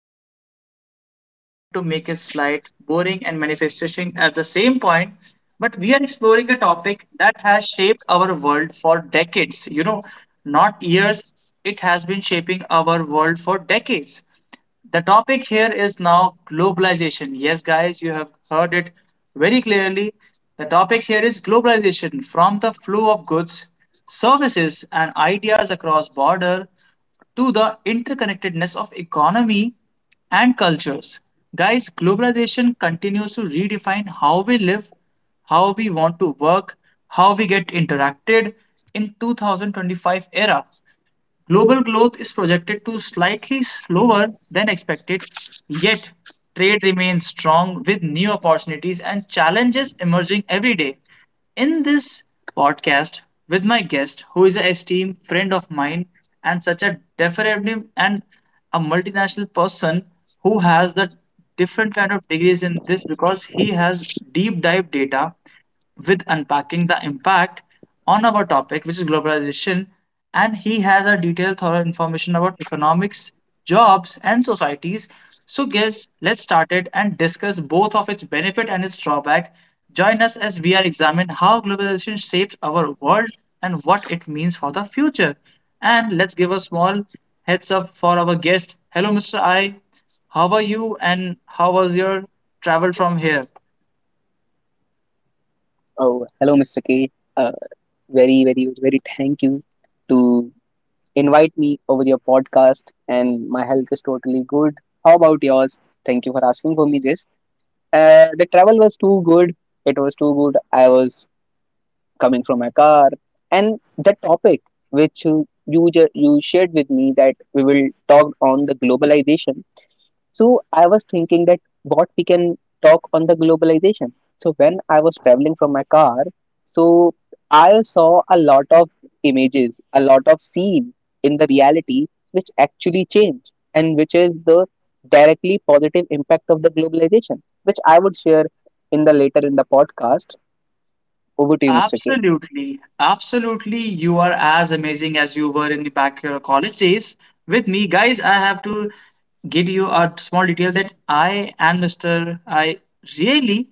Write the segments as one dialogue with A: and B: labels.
A: because I don't want it to make it slight boring and manifestation at the same point. But we are exploring a topic that has shaped our world for decades. You know, not years. It has been shaping our world for decades. The topic here is now globalization. Yes, guys, you have heard it very clearly. The topic here is globalization from the flow of goods, services, and ideas across border to the interconnectedness of economy and cultures. Guys, globalization continues to redefine how we live, how we want to work, how we get interacted in 2025 era. Global growth is projected to slightly slower than expected, yet trade remains strong with new opportunities and challenges emerging every day. In this podcast, with my guest, who is an esteemed friend of mine and such a deferable and a multinational person who has the different kind of degrees in this because he has deep dive data with unpacking the impact on our topic, which is globalization and he has a detailed, thorough information about economics, jobs, and societies. So, guys, let's start it and discuss both of its benefit and its drawback. Join us as we are examine how globalization shapes our world and what it means for the future. And let's give a small heads up for our guest. Hello, Mr. I. How are you, and how was your travel from here?
B: Oh, hello, Mr. K. Uh, very thank you to invite me over your podcast, and my health is totally good. How about yours? Thank you for asking for me this. The travel was too good. It was too good. I was coming from my car, and the topic which you shared with me that we will talk on the globalization. So I was thinking that what we can talk on the globalization. So when I was traveling from my car, so I saw a lot of images, a lot of scene in the reality which actually change and which is the directly positive impact of the globalization, which I would share in the later in the podcast. Over to you, Mr. K.
A: Absolutely, absolutely. You are as amazing as you were in back your college days. With me, guys, I have to give you a small detail that I and Mr. I really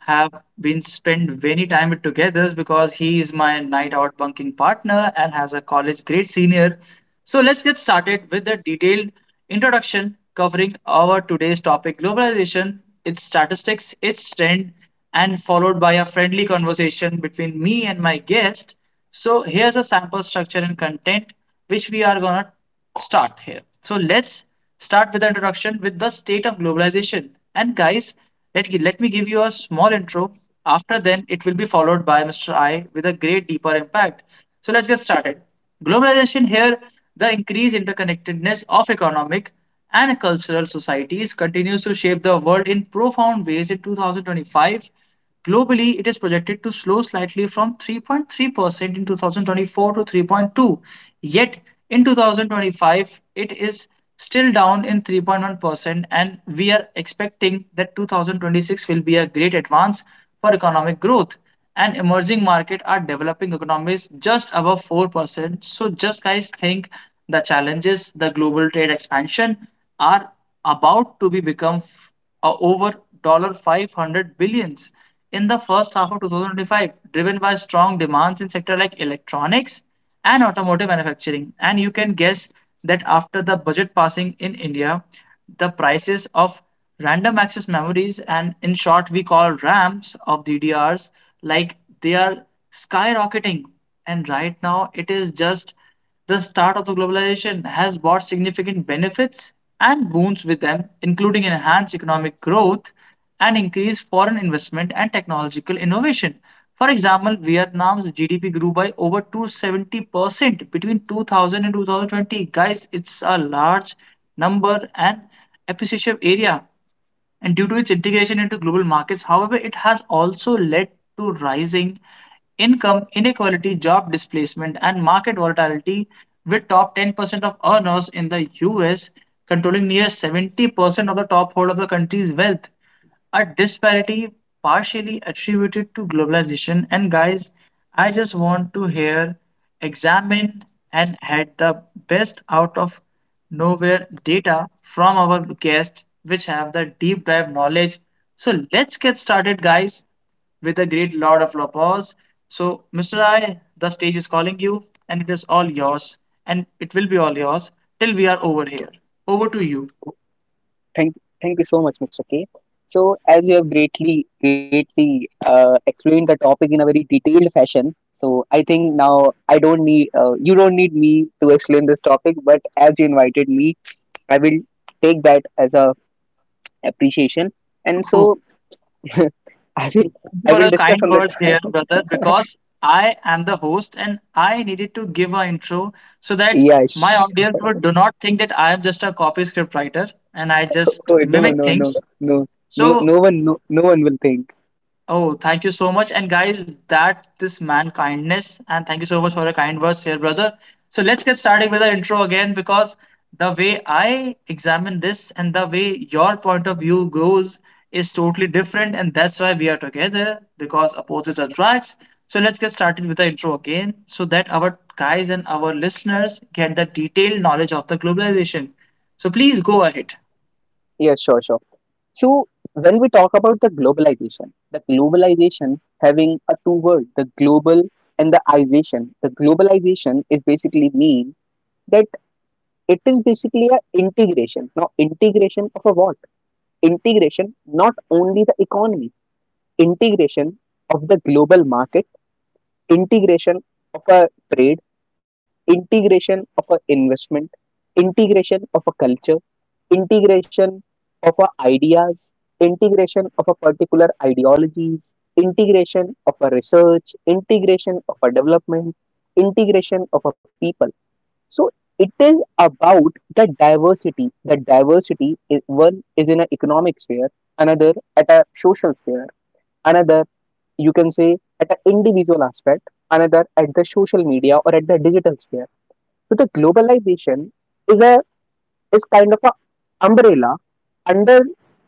A: have been spent many time together because he is my night out bunking partner and has a college grade senior. So let's get started with the detailed introduction covering our today's topic globalization, its statistics, its trend, and followed by a friendly conversation between me and my guest. So here's a sample structure and content which we are gonna start here. So let's start with the introduction with the state of globalization. And guys, let me give you a small intro. After then, it will be followed by Mr. I with a great deeper impact. So let's get started. Globalization here, the increased interconnectedness of economic and cultural societies continues to shape the world in profound ways in 2025. Globally, it is projected to slow slightly from 3.3% in 2024 to 3.2. Yet in 2025, it is still down in 3.1%, and we are expecting that 2026 will be a great advance for economic growth. And emerging market are developing economies just above 4%. So just guys think the challenges, the global trade expansion are about to be become over $500 in the first half of 2025, driven by strong demands in sectors like electronics and automotive manufacturing. And you can guess that after the budget passing in India, the prices of random access memories, and in short, we call RAMs of DDRs, like they are skyrocketing. And right now, it is just the start of the globalization has brought significant benefits and boons with them, including enhanced economic growth and increased foreign investment and technological innovation. For example, Vietnam's GDP grew by over 270% between 2000 and 2020. Guys, it's a large number and appreciative area and due to its integration into global markets. However, it has also led to rising income inequality, job displacement, and market volatility, with top 10% of earners in the US controlling near 70% of the top hold of the country's wealth, a disparity partially attributed to globalization. And guys, I just want to hear, examine, and had the best out of nowhere data from our guests, which have the deep dive knowledge. So let's get started, guys, with a great lot of applause. So, Mr. I, the stage is calling you, and it is all yours, and it will be all yours till we are over here. Over to you.
B: Thank, Thank you so much, Mr. K. So, as you have greatly explained the topic in a very detailed fashion, so I think now I don't need, you don't need me to explain this topic, but as you invited me, I will take that as a appreciation. And so, I will,
A: Thank you
B: I
A: for
B: will
A: your
B: discuss
A: kind
B: on
A: words here,
B: that.
A: brother, because I am the host and I needed to give an intro so that
B: Yeah,
A: my
B: sure.
A: audience would do not think that I am just a copy script writer and I just
B: Oh, no,
A: mimic
B: no, no,
A: things.
B: no,
A: So.
B: no, no one will think.
A: Oh, thank you so much. And guys, that this man kindness. And thank you so much for your kind words here, brother. So let's get started with the intro again because the way I examine this and the way your point of view goes is totally different. And that's why we are together because opposites attracts. So let's get started with the intro again so that our guys and our listeners get the detailed knowledge of the globalization. So please go ahead.
B: Yeah, sure, sure. So when we talk about the globalization having a two word, the global and the ization. The globalization is basically mean that it is basically a integration. Now integration of a what? Integration not only the economy, integration of the global market, integration of a trade, integration of a investment, integration of a culture, integration of our ideas, integration of a particular ideologies, integration of a research, integration of a development, integration of a people. So it is about the diversity. The diversity is one is in an economic sphere, another at a social sphere, another you can say at an individual aspect, another at the social media or at the digital sphere. So the globalization is a is kind of a umbrella. Under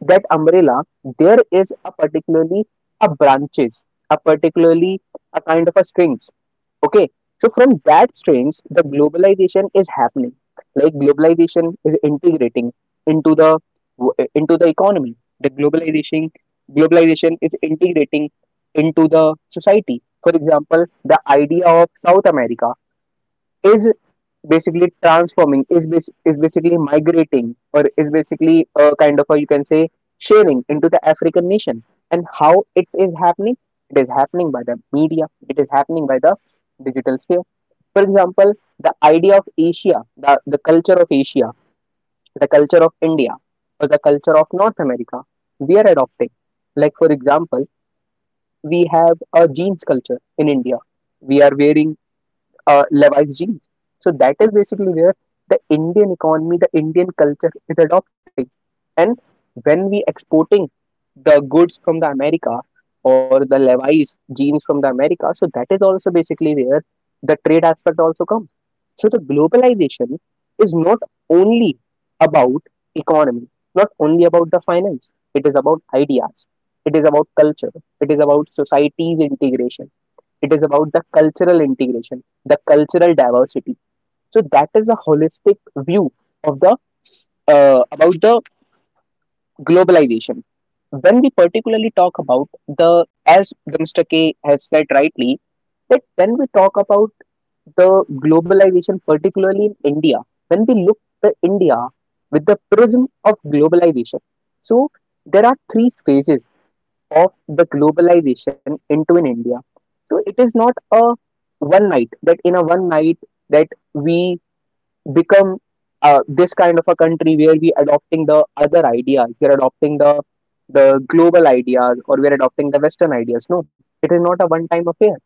B: that umbrella, there is a particularly a branches, a particularly a kind of a strings. Okay, so from that strings, the globalization is happening. Like globalization is integrating into the into the economy. The globalization is integrating into the society. For example, the idea of South America is basically is basically migrating or is basically a kind of a you can say sharing into the African nation, and how it is happening, it is happening by the media, it is happening by the digital sphere. For example, the idea of Asia, the culture of Asia, the culture of India, or the culture of North America we are adopting. Like, for example, we have a jeans culture in India. We are wearing Levi's jeans. So that is basically where the Indian economy, the Indian culture is adopting. And when we exporting the goods from the America or the Levi's jeans from the America, so that is also basically where the trade aspect also comes. So the globalization is not only about economy, not only about the finance. It is about ideas. It is about culture. It is about society's integration. It is about the cultural integration, the cultural diversity. So that is a holistic view of the about the globalization. When we particularly talk about the, as Mr. K has said rightly, that when we talk about the globalization, particularly in India, when we look at India with the prism of globalization, so there are three phases of the globalization into in India. So it is not a one night that in a one night that we become this kind of a country where we adopting the other ideas, we're adopting the global ideas, or we're adopting the Western ideas. No, it is not a one time affair.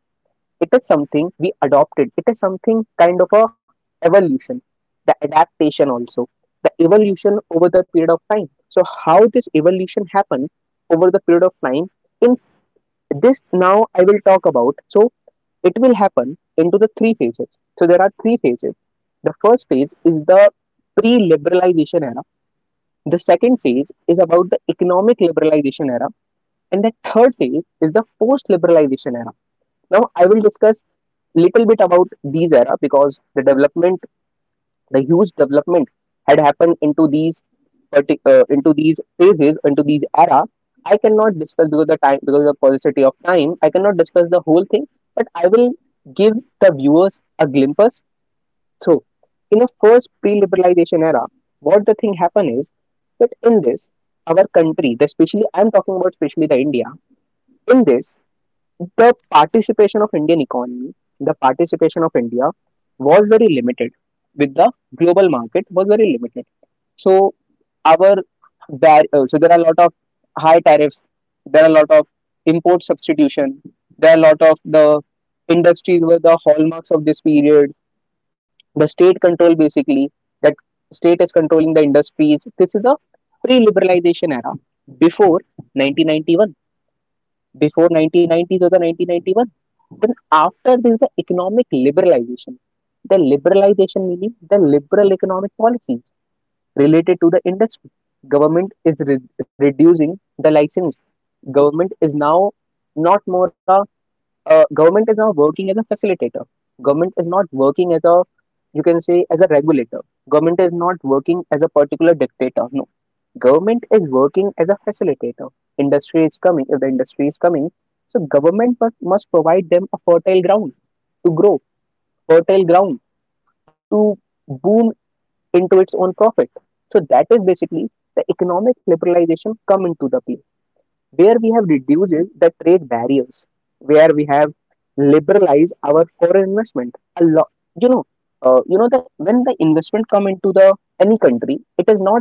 B: It is something we adopted. It is something kind of a evolution, the adaptation also, the evolution over the period of time. So how this evolution happened over the period of time in this now I will talk about. So it will happen into the three phases. So there are three phases. The first phase is the pre-liberalization era. The second phase is about the economic liberalization era, and the third phase is the post-liberalization era. Now I will discuss little bit about these era because the huge development had happened into these into these phases into these era. I cannot discuss because the time, because of the paucity of time, I cannot discuss the whole thing, but I will give the viewers a glimpse. So in the first pre-liberalization era, what the thing happened is that in this our country, the, especially I'm talking about especially the India, in this, the participation of Indian economy, the participation of India was very limited with the global market was very limited. So our so there are a lot of high tariffs, there are a lot of import substitution, there are a lot of the industries were the hallmarks of this period. The state control, basically that state is controlling the industries. This is the pre-liberalization era before 1991, before 1990s or the 1991. Then after this, the economic liberalization, the liberalization meaning the liberal economic policies related to the industry, government is reducing the license. Government is now not more a government is now working as a facilitator. Government is not working as a, you can say, as a regulator. Government is not working as a particular dictator. Government is working as a facilitator. Industry is coming. If the industry is coming, so government must provide them a fertile ground to grow, fertile ground to boom into its own profit. So that is basically the economic liberalization come into the play, where we have reduced the trade barriers, where we have liberalized our foreign investment a lot. You know, you know that when the investment come into the any country, it is not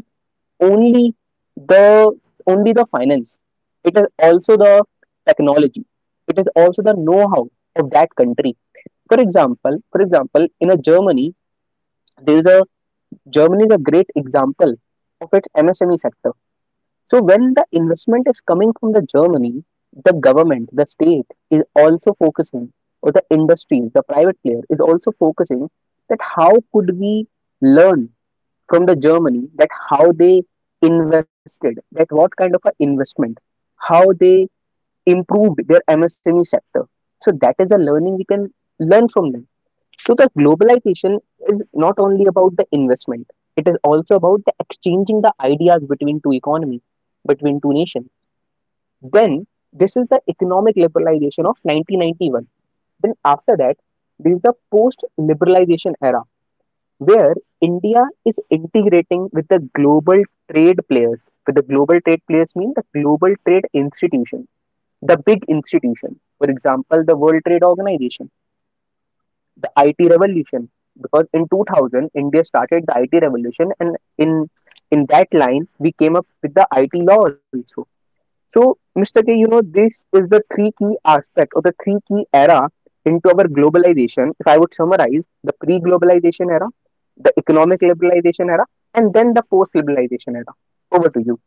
B: only the only the finance, it is also the technology, it is also the know-how of that country. For example, in a Germany, there is a Germany is a great example of its MSME sector. So when the investment is coming from the Germany, the government, the state is also focusing, or the industries, the private player is also focusing, that how could we learn from the Germany, that how they invested, that what kind of a investment, how they improved their MSME sector. So that is a learning we can learn from them. So the globalization is not only about the investment; it is also about the exchanging the ideas between two economies, between two nations. Then this is the economic liberalization of 1991. Then after that, there is the post-liberalization era where India is integrating with the global trade players. With the global trade players mean the global trade institution, the big institution. For example, the World Trade Organization, the IT revolution. Because in 2000, India started the IT revolution, and in that line, we came up with the IT law also. So, Mr. K, you know, this is the three key aspect or the three key era into our globalization, if I would summarize: the pre globalization era, the economic liberalization era, and then the post liberalization era. Over to you.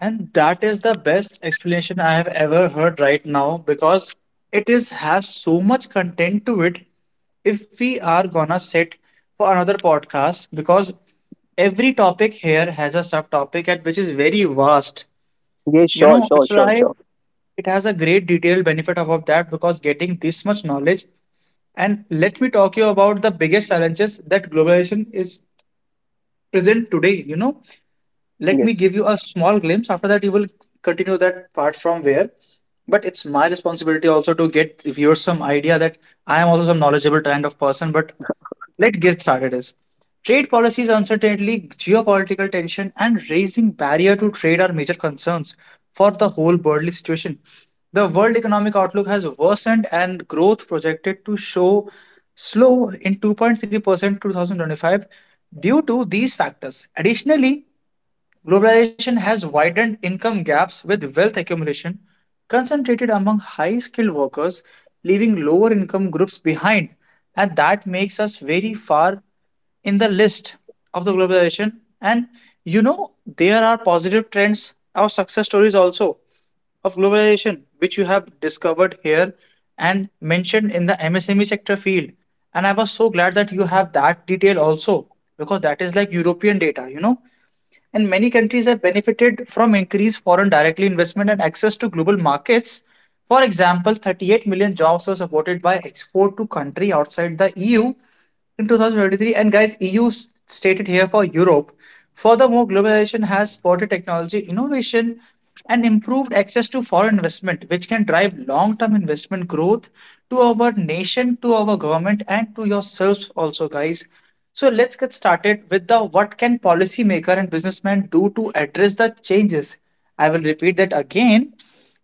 A: And that is the best explanation I have ever heard right now because it is has so much content to it. If we are gonna sit for another podcast, because every topic here has a subtopic at which is very vast.
B: Yes,
A: You
B: sure,
A: know,
B: sure,
A: Mr.
B: sure,
A: I,
B: sure.
A: it has a great detailed benefit of that because getting this much knowledge. And let me talk you about the biggest challenges that globalization is present today. You know, let me
B: Yes.
A: give you a small glimpse. After that, you will continue that part from where. But it's my responsibility also to get viewers some idea that I am also some knowledgeable kind of person. But let's get started. Is trade policies, uncertainty, geopolitical tension, and raising barrier to trade are major concerns for the whole worldly situation. The world economic outlook has worsened and growth projected to show slow in 2.3% 2025 due to these factors. Additionally, globalization has widened income gaps with wealth accumulation concentrated among high skilled workers, leaving lower income groups behind. And that makes us very far in the list of the globalization. And you know, there are positive trends or success stories also of globalization, which you have discovered here and mentioned in the MSME sector field. And I was so glad that you have that detail also, because that is like European data, you know, and many countries have benefited from increased foreign direct investment and access to global markets. For example, 38 million jobs were supported by export to country outside the EU in 2023, and guys, EU stated here for Europe. Furthermore, globalization has supported technology innovation and improved access to foreign investment, which can drive long-term investment growth to our nation, to our government, and to yourselves also, guys. So let's get started with the what can policymaker and businessman do to address the changes. I will repeat that again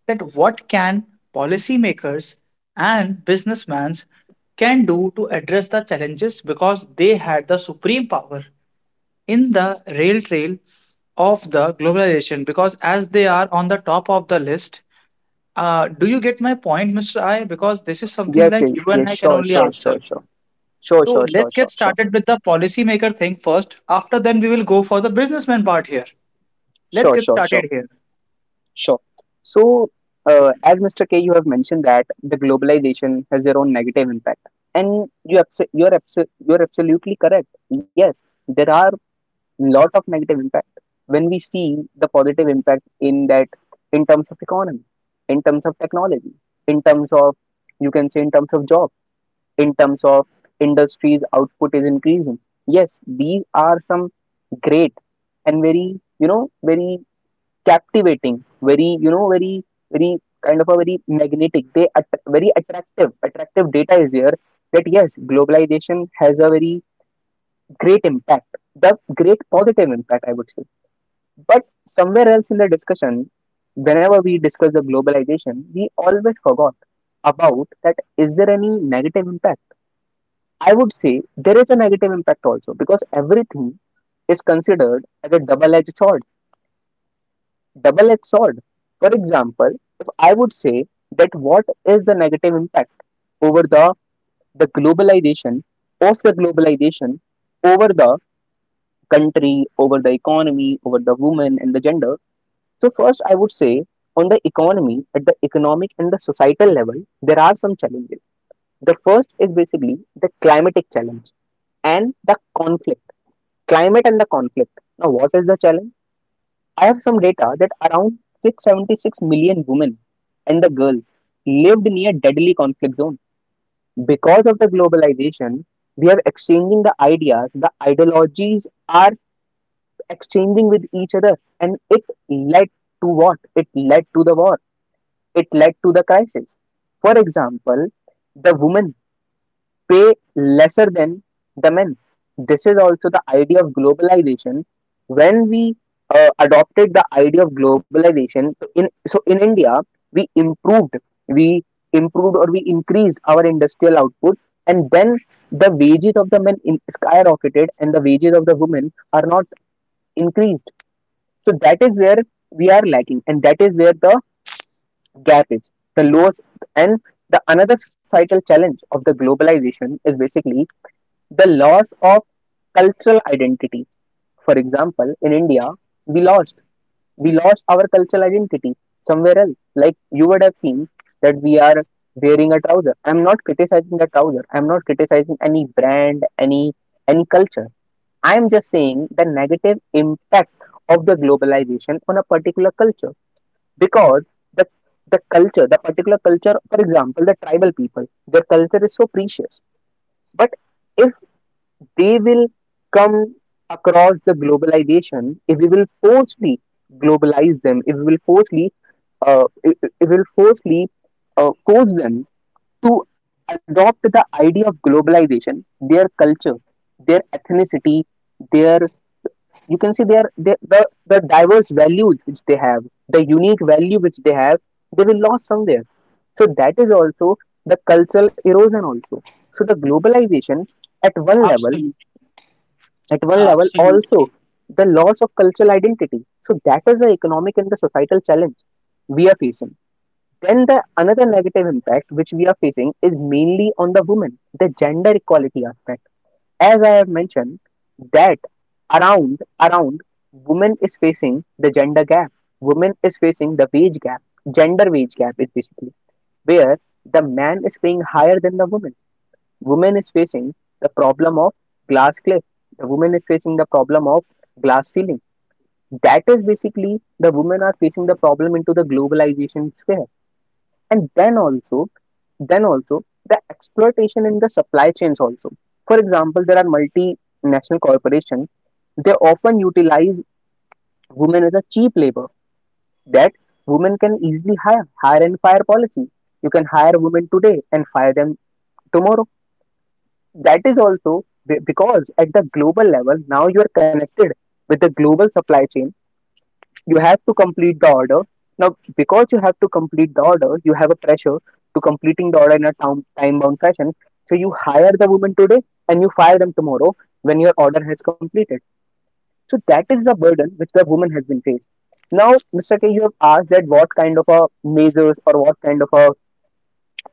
A: that what can policymakers and businessmen can do to address the challenges because they had the supreme power in the rail trail of the globalization because as they are on the top of the list. Do you get my point, Mr. I, because this is something
B: Yes,
A: like
B: yes,
A: you and
B: yes,
A: I can
B: sure,
A: only
B: sure,
A: answer.
B: sure, sure. Sure,
A: So
B: sure, sure,
A: let's get
B: sure, sure.
A: started with the policymaker thing first. After then, we will go for the businessman part here. Let's
B: Sure,
A: get
B: sure, sure.
A: started here.
B: Sure. So, as Mr. K, you have mentioned that the globalization has their own negative impact, and you're absolutely correct. Yes, there are lot of negative impact. When we see the positive impact in that, in terms of economy, in terms of technology, in terms of, you can say, in terms of job, in terms of industries output is increasing. Yes, these are some great and very captivating, very kind of a very magnetic. Very attractive. Attractive data is here, that yes, globalization has a very great impact, the great positive impact I would say. But somewhere else in the discussion, whenever we discuss the globalization, we always forgot about, that is there any negative impact? I would say there is a negative impact also, because everything is considered as a double edged sword. Double edged sword. For example, if I would say that what is the negative impact over the globalization, of the globalization, over the country, over the economy, over the woman and the gender. So, first, I would say on the economy, at the economic and the societal level, there are some challenges. The first is basically the climatic challenge and the conflict, climate and the conflict. Now, what is the challenge? I have some data that around 676 million women and the girls lived near deadly conflict zone. Because of the globalization, we are exchanging the ideas, the ideologies are exchanging with each other, and it led to what? It led to the war. It led to the crisis. For example, the woman pay lesser than the men. This is also the idea of globalization. When we adopted the idea of globalization, so in India, we improved, we improved or we increased our industrial output, and then the wages of the men in, skyrocketed, and the wages of the women are not increased. So that is where we are lacking, and that is where the gap is. The lowest and the another societal challenge of the globalization is basically the loss of cultural identity. For example, in India, we lost we lost our cultural identity somewhere else. Like you would have seen that we are wearing a trouser. I'm not criticizing the trouser. I'm not criticizing any brand, any culture. I'm just saying the negative impact of the globalization on a particular culture because the the culture, the particular culture, for example, the tribal people, their culture is so precious. But if they will come across the globalization, if we will forcefully globalize them, if we will forcefully, if we will forcefully force them to adopt the idea of globalization, their culture, their ethnicity, their, you can see their the diverse values which they have, the unique value which they have, they will lose somewhere. So that is also the cultural erosion also. So the globalization, at one level at one level also
A: Absolutely.
B: the loss of cultural identity, so that is the economic and the societal challenge we are facing. Then the another negative impact which we are facing is mainly on the women, the gender equality aspect. As I have mentioned that around around women is facing the gender gap, women is facing the wage gap. Gender wage gap is basically where the man is paying higher than the woman. Woman is facing the problem of glass cliff, the woman is facing the problem of glass ceiling. That is basically the women are facing the problem into the globalization sphere. And then also the exploitation in the supply chains also. For example, there are multinational corporations, they often utilize women as a cheap labor, that women can easily, hire and fire policy. You can hire women today and fire them tomorrow. That is also because at the global level now you are connected with the global supply chain, you have to complete the order. Now, because you have to complete the order, you have a pressure to completing the order in a time bound fashion. So you hire the woman today and you fire them tomorrow when your order has completed. So that is the burden which the woman has been faced. Now, Mr. K, you have asked that what kind of a measures or what kind of a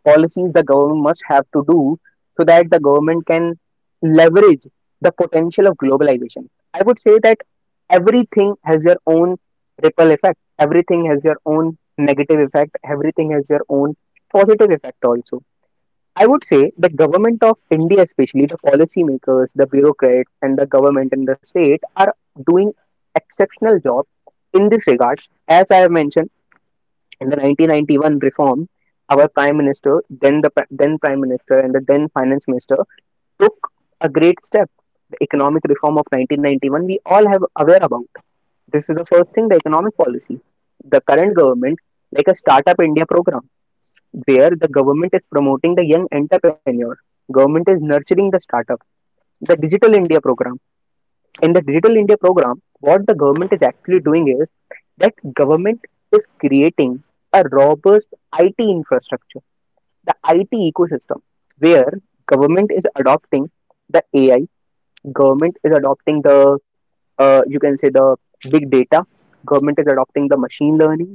B: policies the government must have to do, so that the government can leverage the potential of globalization. I would say that everything has your own ripple effect, everything has your own negative effect, everything has your own positive effect also. I would say the government of India, especially the policymakers, the bureaucrats, and the government and the state are doing exceptional job in this regard. As I have mentioned, in the 1991 reform, our prime minister, then the then prime minister and the then finance minister took a great step. The economic reform of 1991 we all have aware about. This is the first thing, the economic policy. The current government, like a Startup India program, where the government is promoting the young entrepreneur. Government is nurturing the startup. The Digital India program, in the Digital India program, what the government is actually doing is that government is creating a robust IT infrastructure, the IT ecosystem, where government is adopting the AI, government is adopting the, you can say the big data, government is adopting the machine learning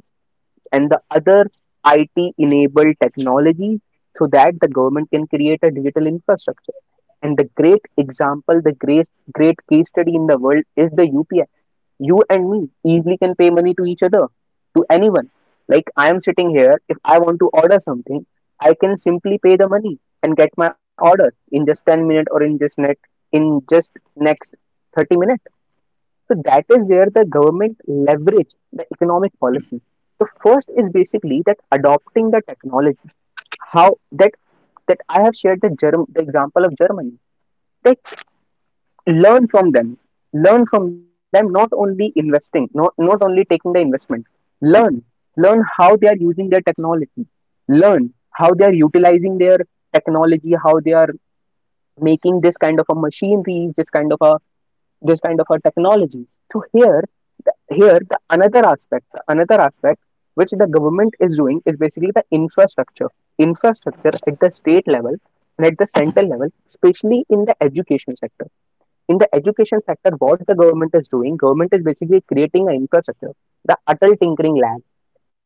B: and the other IT enabled technologies, so that the government can create a digital infrastructure. And the great example, the great, great case study in the world is the UPI. You and me easily can pay money to each other, to anyone. Like I am sitting here, if I want to order something, I can simply pay the money and get my order in just 10 minutes or in just in just next 30 minutes. So that is where the government leverage the economic policy. The first is basically that adopting the technology. How that I have shared the germ the example of Germany. That, learn from them. Learn from them not only investing, not only taking the investment. Learn. Learn how they are using their technology. Learn how they are utilizing their technology, how they are making this kind of a machinery, this kind of a technologies. So here the another aspect which the government is doing is basically the infrastructure, infrastructure at the state level and at the central level, especially in the education sector. In the education sector, what the government is doing, government is basically creating an infrastructure, the Atal Tinkering Lab.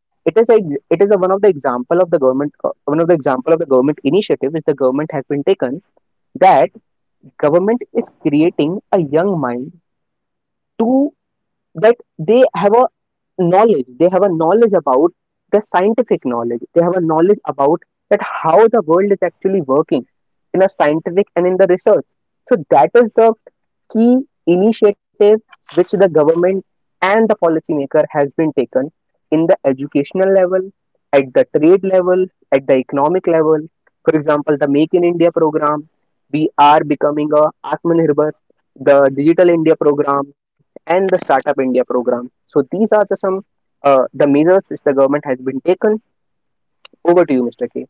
B: It is a it is a, one of the example of the government, one of the example of the government initiative which the government has been taken, that government is creating a young mind to, that they have a knowledge, they have a knowledge about the scientific knowledge, they have a knowledge about that how the world is actually working in a scientific and in the research. So that is the key initiative which the government and the policymaker has been taken in the educational level, at the trade level, at the economic level. For example, the Make in India program, we are becoming a Atmanirbhar, the Digital India program, and the Startup India program. So these are the some the measures which the government has been taken. Over to you, Mr. K.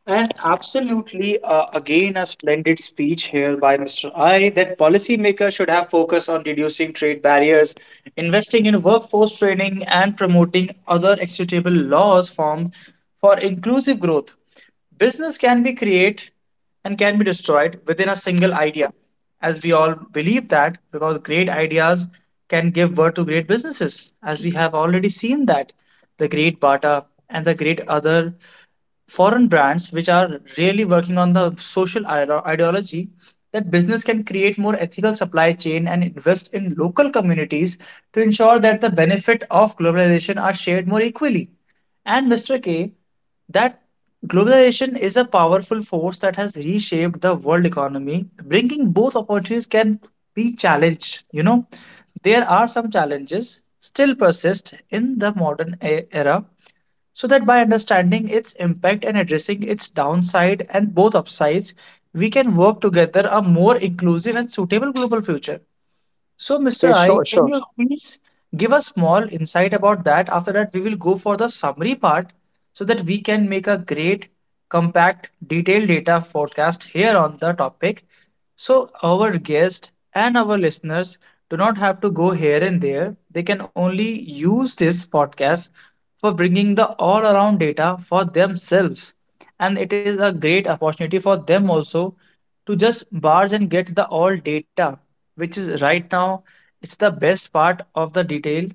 A: And absolutely, again, a splendid speech here by Mr. I that policymakers should have focus on reducing trade barriers, investing in workforce training, and promoting other equitable laws formed for inclusive growth. Business can be created and can be destroyed within a single idea, as we all believe that, because great ideas can give birth to great businesses, as we have already seen that the great Bata and the great other foreign brands which are really working on the social ideology, that business can create more ethical supply chain and invest in local communities to ensure that the benefit of globalization are shared more equally, and Mr. K, that globalization is a powerful force that has reshaped the world economy, bringing both opportunities can be challenged. You know, there are some challenges still persist in the modern era. So that by understanding its impact and addressing its downside and both upsides, we can work together a more inclusive and suitable global future. So, Mr.
B: Yeah,
A: I,
B: sure,
A: can
B: sure.
A: you please give a small insight about that? After that, we will go for the summary part so that we can make a great, compact, detailed data forecast here on the topic. So, our guest and our listeners do not have to go here and there. They can only use this podcast for bringing the all around data for themselves, and it is a great opportunity for them also to just barge and get the all data, which is right now it's the best part of the detail,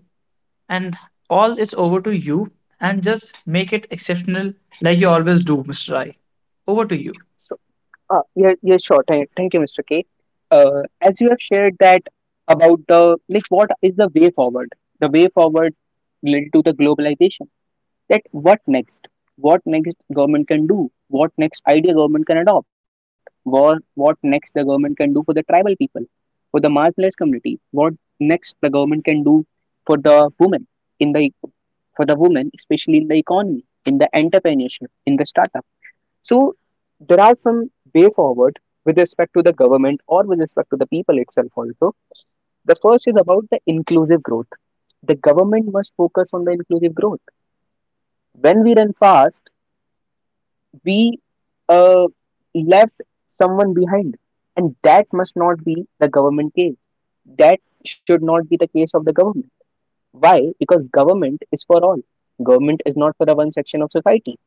A: and all it's over to you, and just make it exceptional like you always do, Mr. I. Over to you.
B: Yeah, sure. Thank you, Mr. K. As you have shared that about the, like, what is the way forward? The way forward related to the globalization. That what next? What next government can do? What next idea government can adopt? What next the government can do for the tribal people, for the marginalized community? What next the government can do for the women in the, for the women, especially in the economy, in the entrepreneurship, in the startup? So there are some way forward with respect to the government or with respect to the people itself also. The first is about the inclusive growth. The government must focus on the inclusive growth. When we run fast, we, uh, left someone behind, and that must not be the government case. That should not be the case of the government. Why? Because government is for all. Government is not for the one section of society.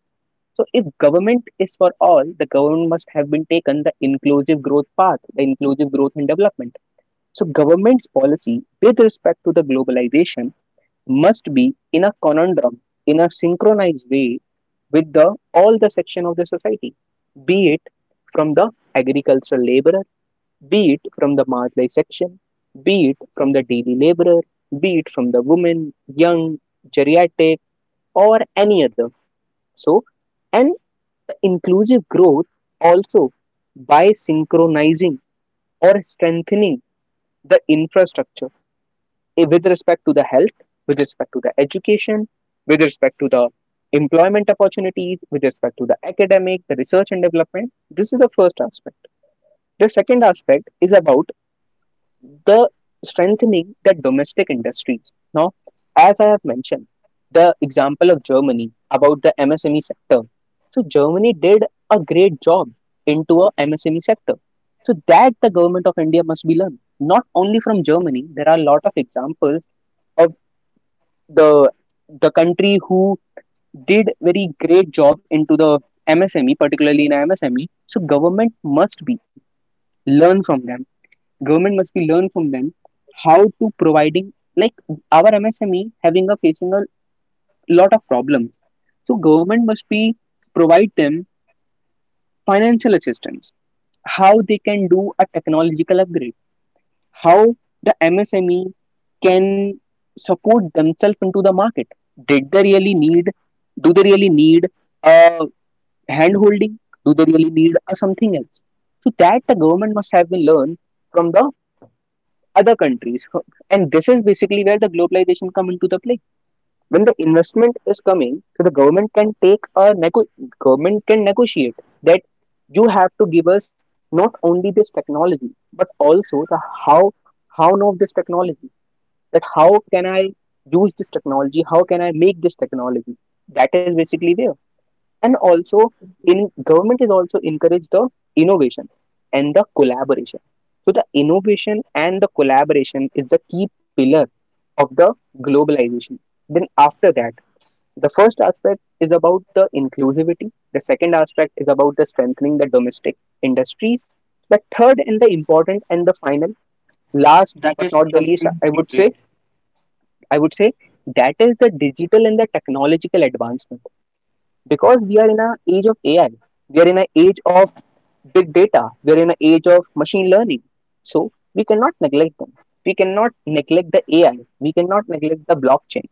B: So if government is for all, the government must have been taken the inclusive growth path, the inclusive growth and development. So government's policy with respect to the globalization must be in a conundrum, in a synchronized way with the all the section of the society, be it from the agricultural laborer, be it from the marginalized section, be it from the daily laborer, be it from the woman, young, geriatric, or any other. So, and inclusive growth also by synchronizing or strengthening the infrastructure, with respect to the health, with respect to the education, with respect to the employment opportunities, with respect to the academic, the research and development. This is the first aspect. The second aspect is about the strengthening the domestic industries. Now, as I have mentioned, the example of Germany about the MSME sector. So Germany did a great job into a MSME sector. So that the government of India must be learned. Not only from Germany, there are a lot of examples of the the country who did very great job into the MSME, particularly in MSME. So government must be learn from them. Government must be learn from them how to providing, like, our MSME having a facing a lot of problems. So government must be provide them financial assistance, how they can do a technological upgrade, how the MSME can support themselves into the market. Did they really need? Do they really need a hand holding? Do they really need a something else? So that the government must have been learned from the other countries. And this is basically where the globalization come into the play. When the investment is coming, so the government can take a government can negotiate that you have to give us not only this technology but also the how how know this technology, that how can I use this technology, how can I make this technology. That is basically there. And also in, government is also encourage the innovation and the collaboration, so the innovation and the collaboration is the key pillar of the globalization. Then after that, the first aspect is about the inclusivity, the second aspect is about the strengthening the domestic industries, the third and the important and the final, last
A: That is
B: but not the
A: something.
B: least, I would say, I would say that is the digital and the technological advancement. Because we are in an age of AI, we are in an age of big data, we are in an age of machine learning. So we cannot neglect them. We cannot neglect the AI. We cannot neglect the blockchain.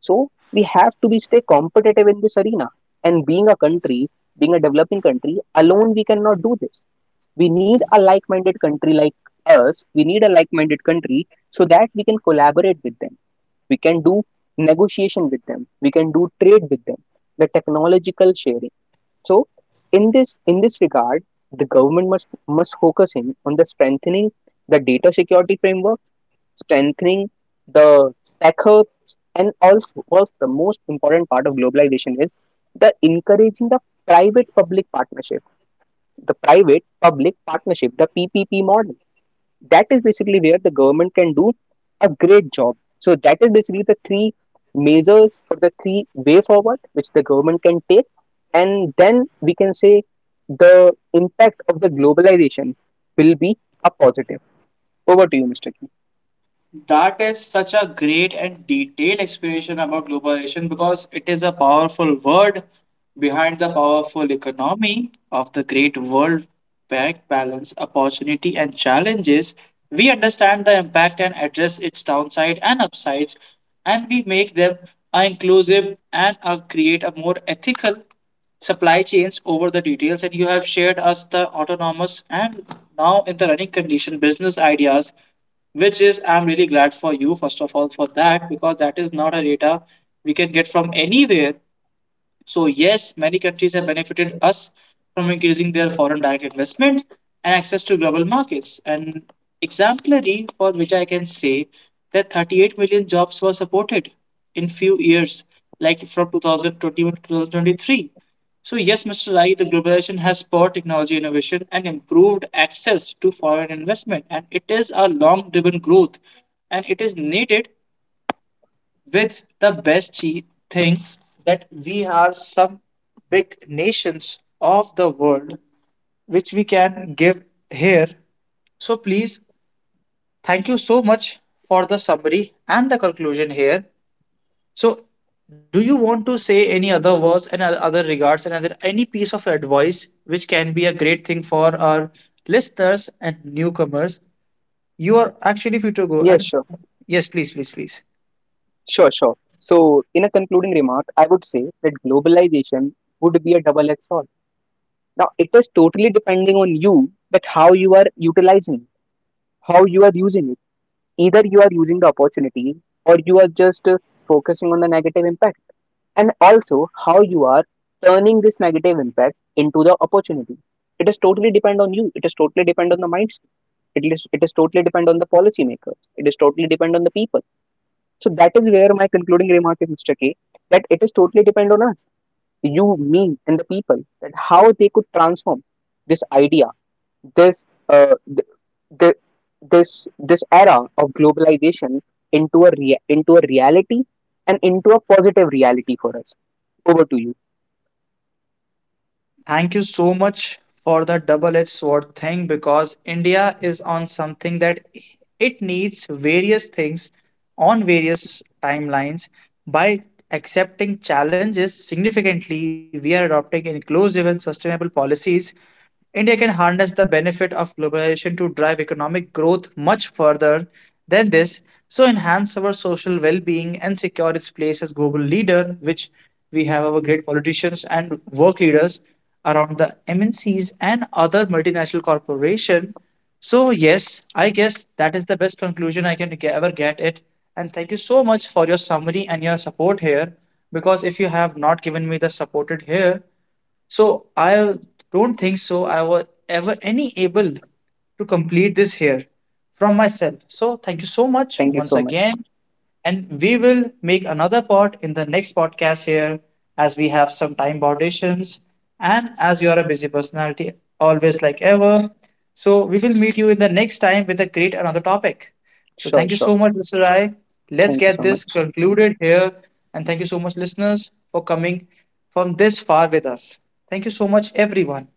B: So we have to be stay competitive in this arena. And being a country, being a developing country, alone we cannot do this. We need a like-minded country like us. We need a like-minded country so that we can collaborate with them, we can do negotiation with them, we can do trade with them, the technological sharing. So in this regard, the government must focus in on the strengthening the data security frameworks, strengthening the tech hubs, and also, also the most important part of globalization is the encouraging the private public partnership, the private public partnership, the PPP model. That is basically where the government can do a great job. So that is basically the three measures for the three-way forward which the government can take, and then we can say the impact of the globalization will be a positive. Over to you, Mr. King.
A: That is such a great and detailed explanation about globalization because it is a powerful word behind the powerful economy of the great world bank balance, opportunity, and challenges. We understand the impact and address its downside and upsides, and we make them a inclusive, and create a more ethical supply chains over the details, and you have shared us the autonomous and now in the running condition business ideas, which is I'm really glad for you first of all for that because that is not a data we can get from anywhere. So yes, many countries have benefited us from increasing their foreign direct investment and access to global markets. And exemplary for which I can say that 38 million jobs were supported in few years, like from 2021 to 2023. So yes, Mr. Rai, the globalization has spurred technology innovation and improved access to foreign investment, and it is a long-driven growth, and it is needed with the best thing that we are some big nations of the world which we can give here. So please, thank you so much for the summary and the conclusion here. So do you want to say any other words and other regards and other any piece of advice which can be a great thing for our listeners and newcomers. You are actually free to go and
B: Yes, sure.
A: yes, please, please, please.
B: Sure. So in a concluding remark, I would say that globalization would be a double-edged sword. Now it is totally depending on you, that how you are utilizing, how you are using it. Either you are using the opportunity or you are just, focusing on the negative impact, and also how you are turning this negative impact into the opportunity. It is totally depend on you, it is totally depend on the mindset, it is totally depend on the policymakers, it is totally depend on the people. So that is where my concluding remark is, Mr. K, that it is totally depend on us, you, me, and the people, that how they could transform this idea, this uh, th- th- this this era of globalization into a into a reality, and into a positive reality for us. Over to you.
A: Thank you so much for the double edged sword thing because India is on something that it needs various things on various timelines. By accepting challenges significantly, we are adopting inclusive and sustainable policies. India can harness the benefit of globalization to drive economic growth much further than this, so enhance our social well-being and secure its place as global leader, which we have our great politicians and work leaders around the MNCs and other multinational corporation. So yes, I guess that is the best conclusion I can ever get it. And thank you so much for your summary and your support here, because if you have not given me the support it here, so I don't think so I was ever any able to complete this here from myself. So thank you so much
B: Thank
A: once
B: you so much.
A: again. And we will make another part in the next podcast here as we have some time foundations and as you are a busy personality, always like ever. So we will meet you in the next time with a great another topic. So thank you
B: Sure,
A: so
B: sure.
A: much, Mr. I. Let's get
B: Thank you so
A: this
B: much.
A: concluded here. And thank you so much, listeners, for coming from this far with us. Thank you so much, everyone.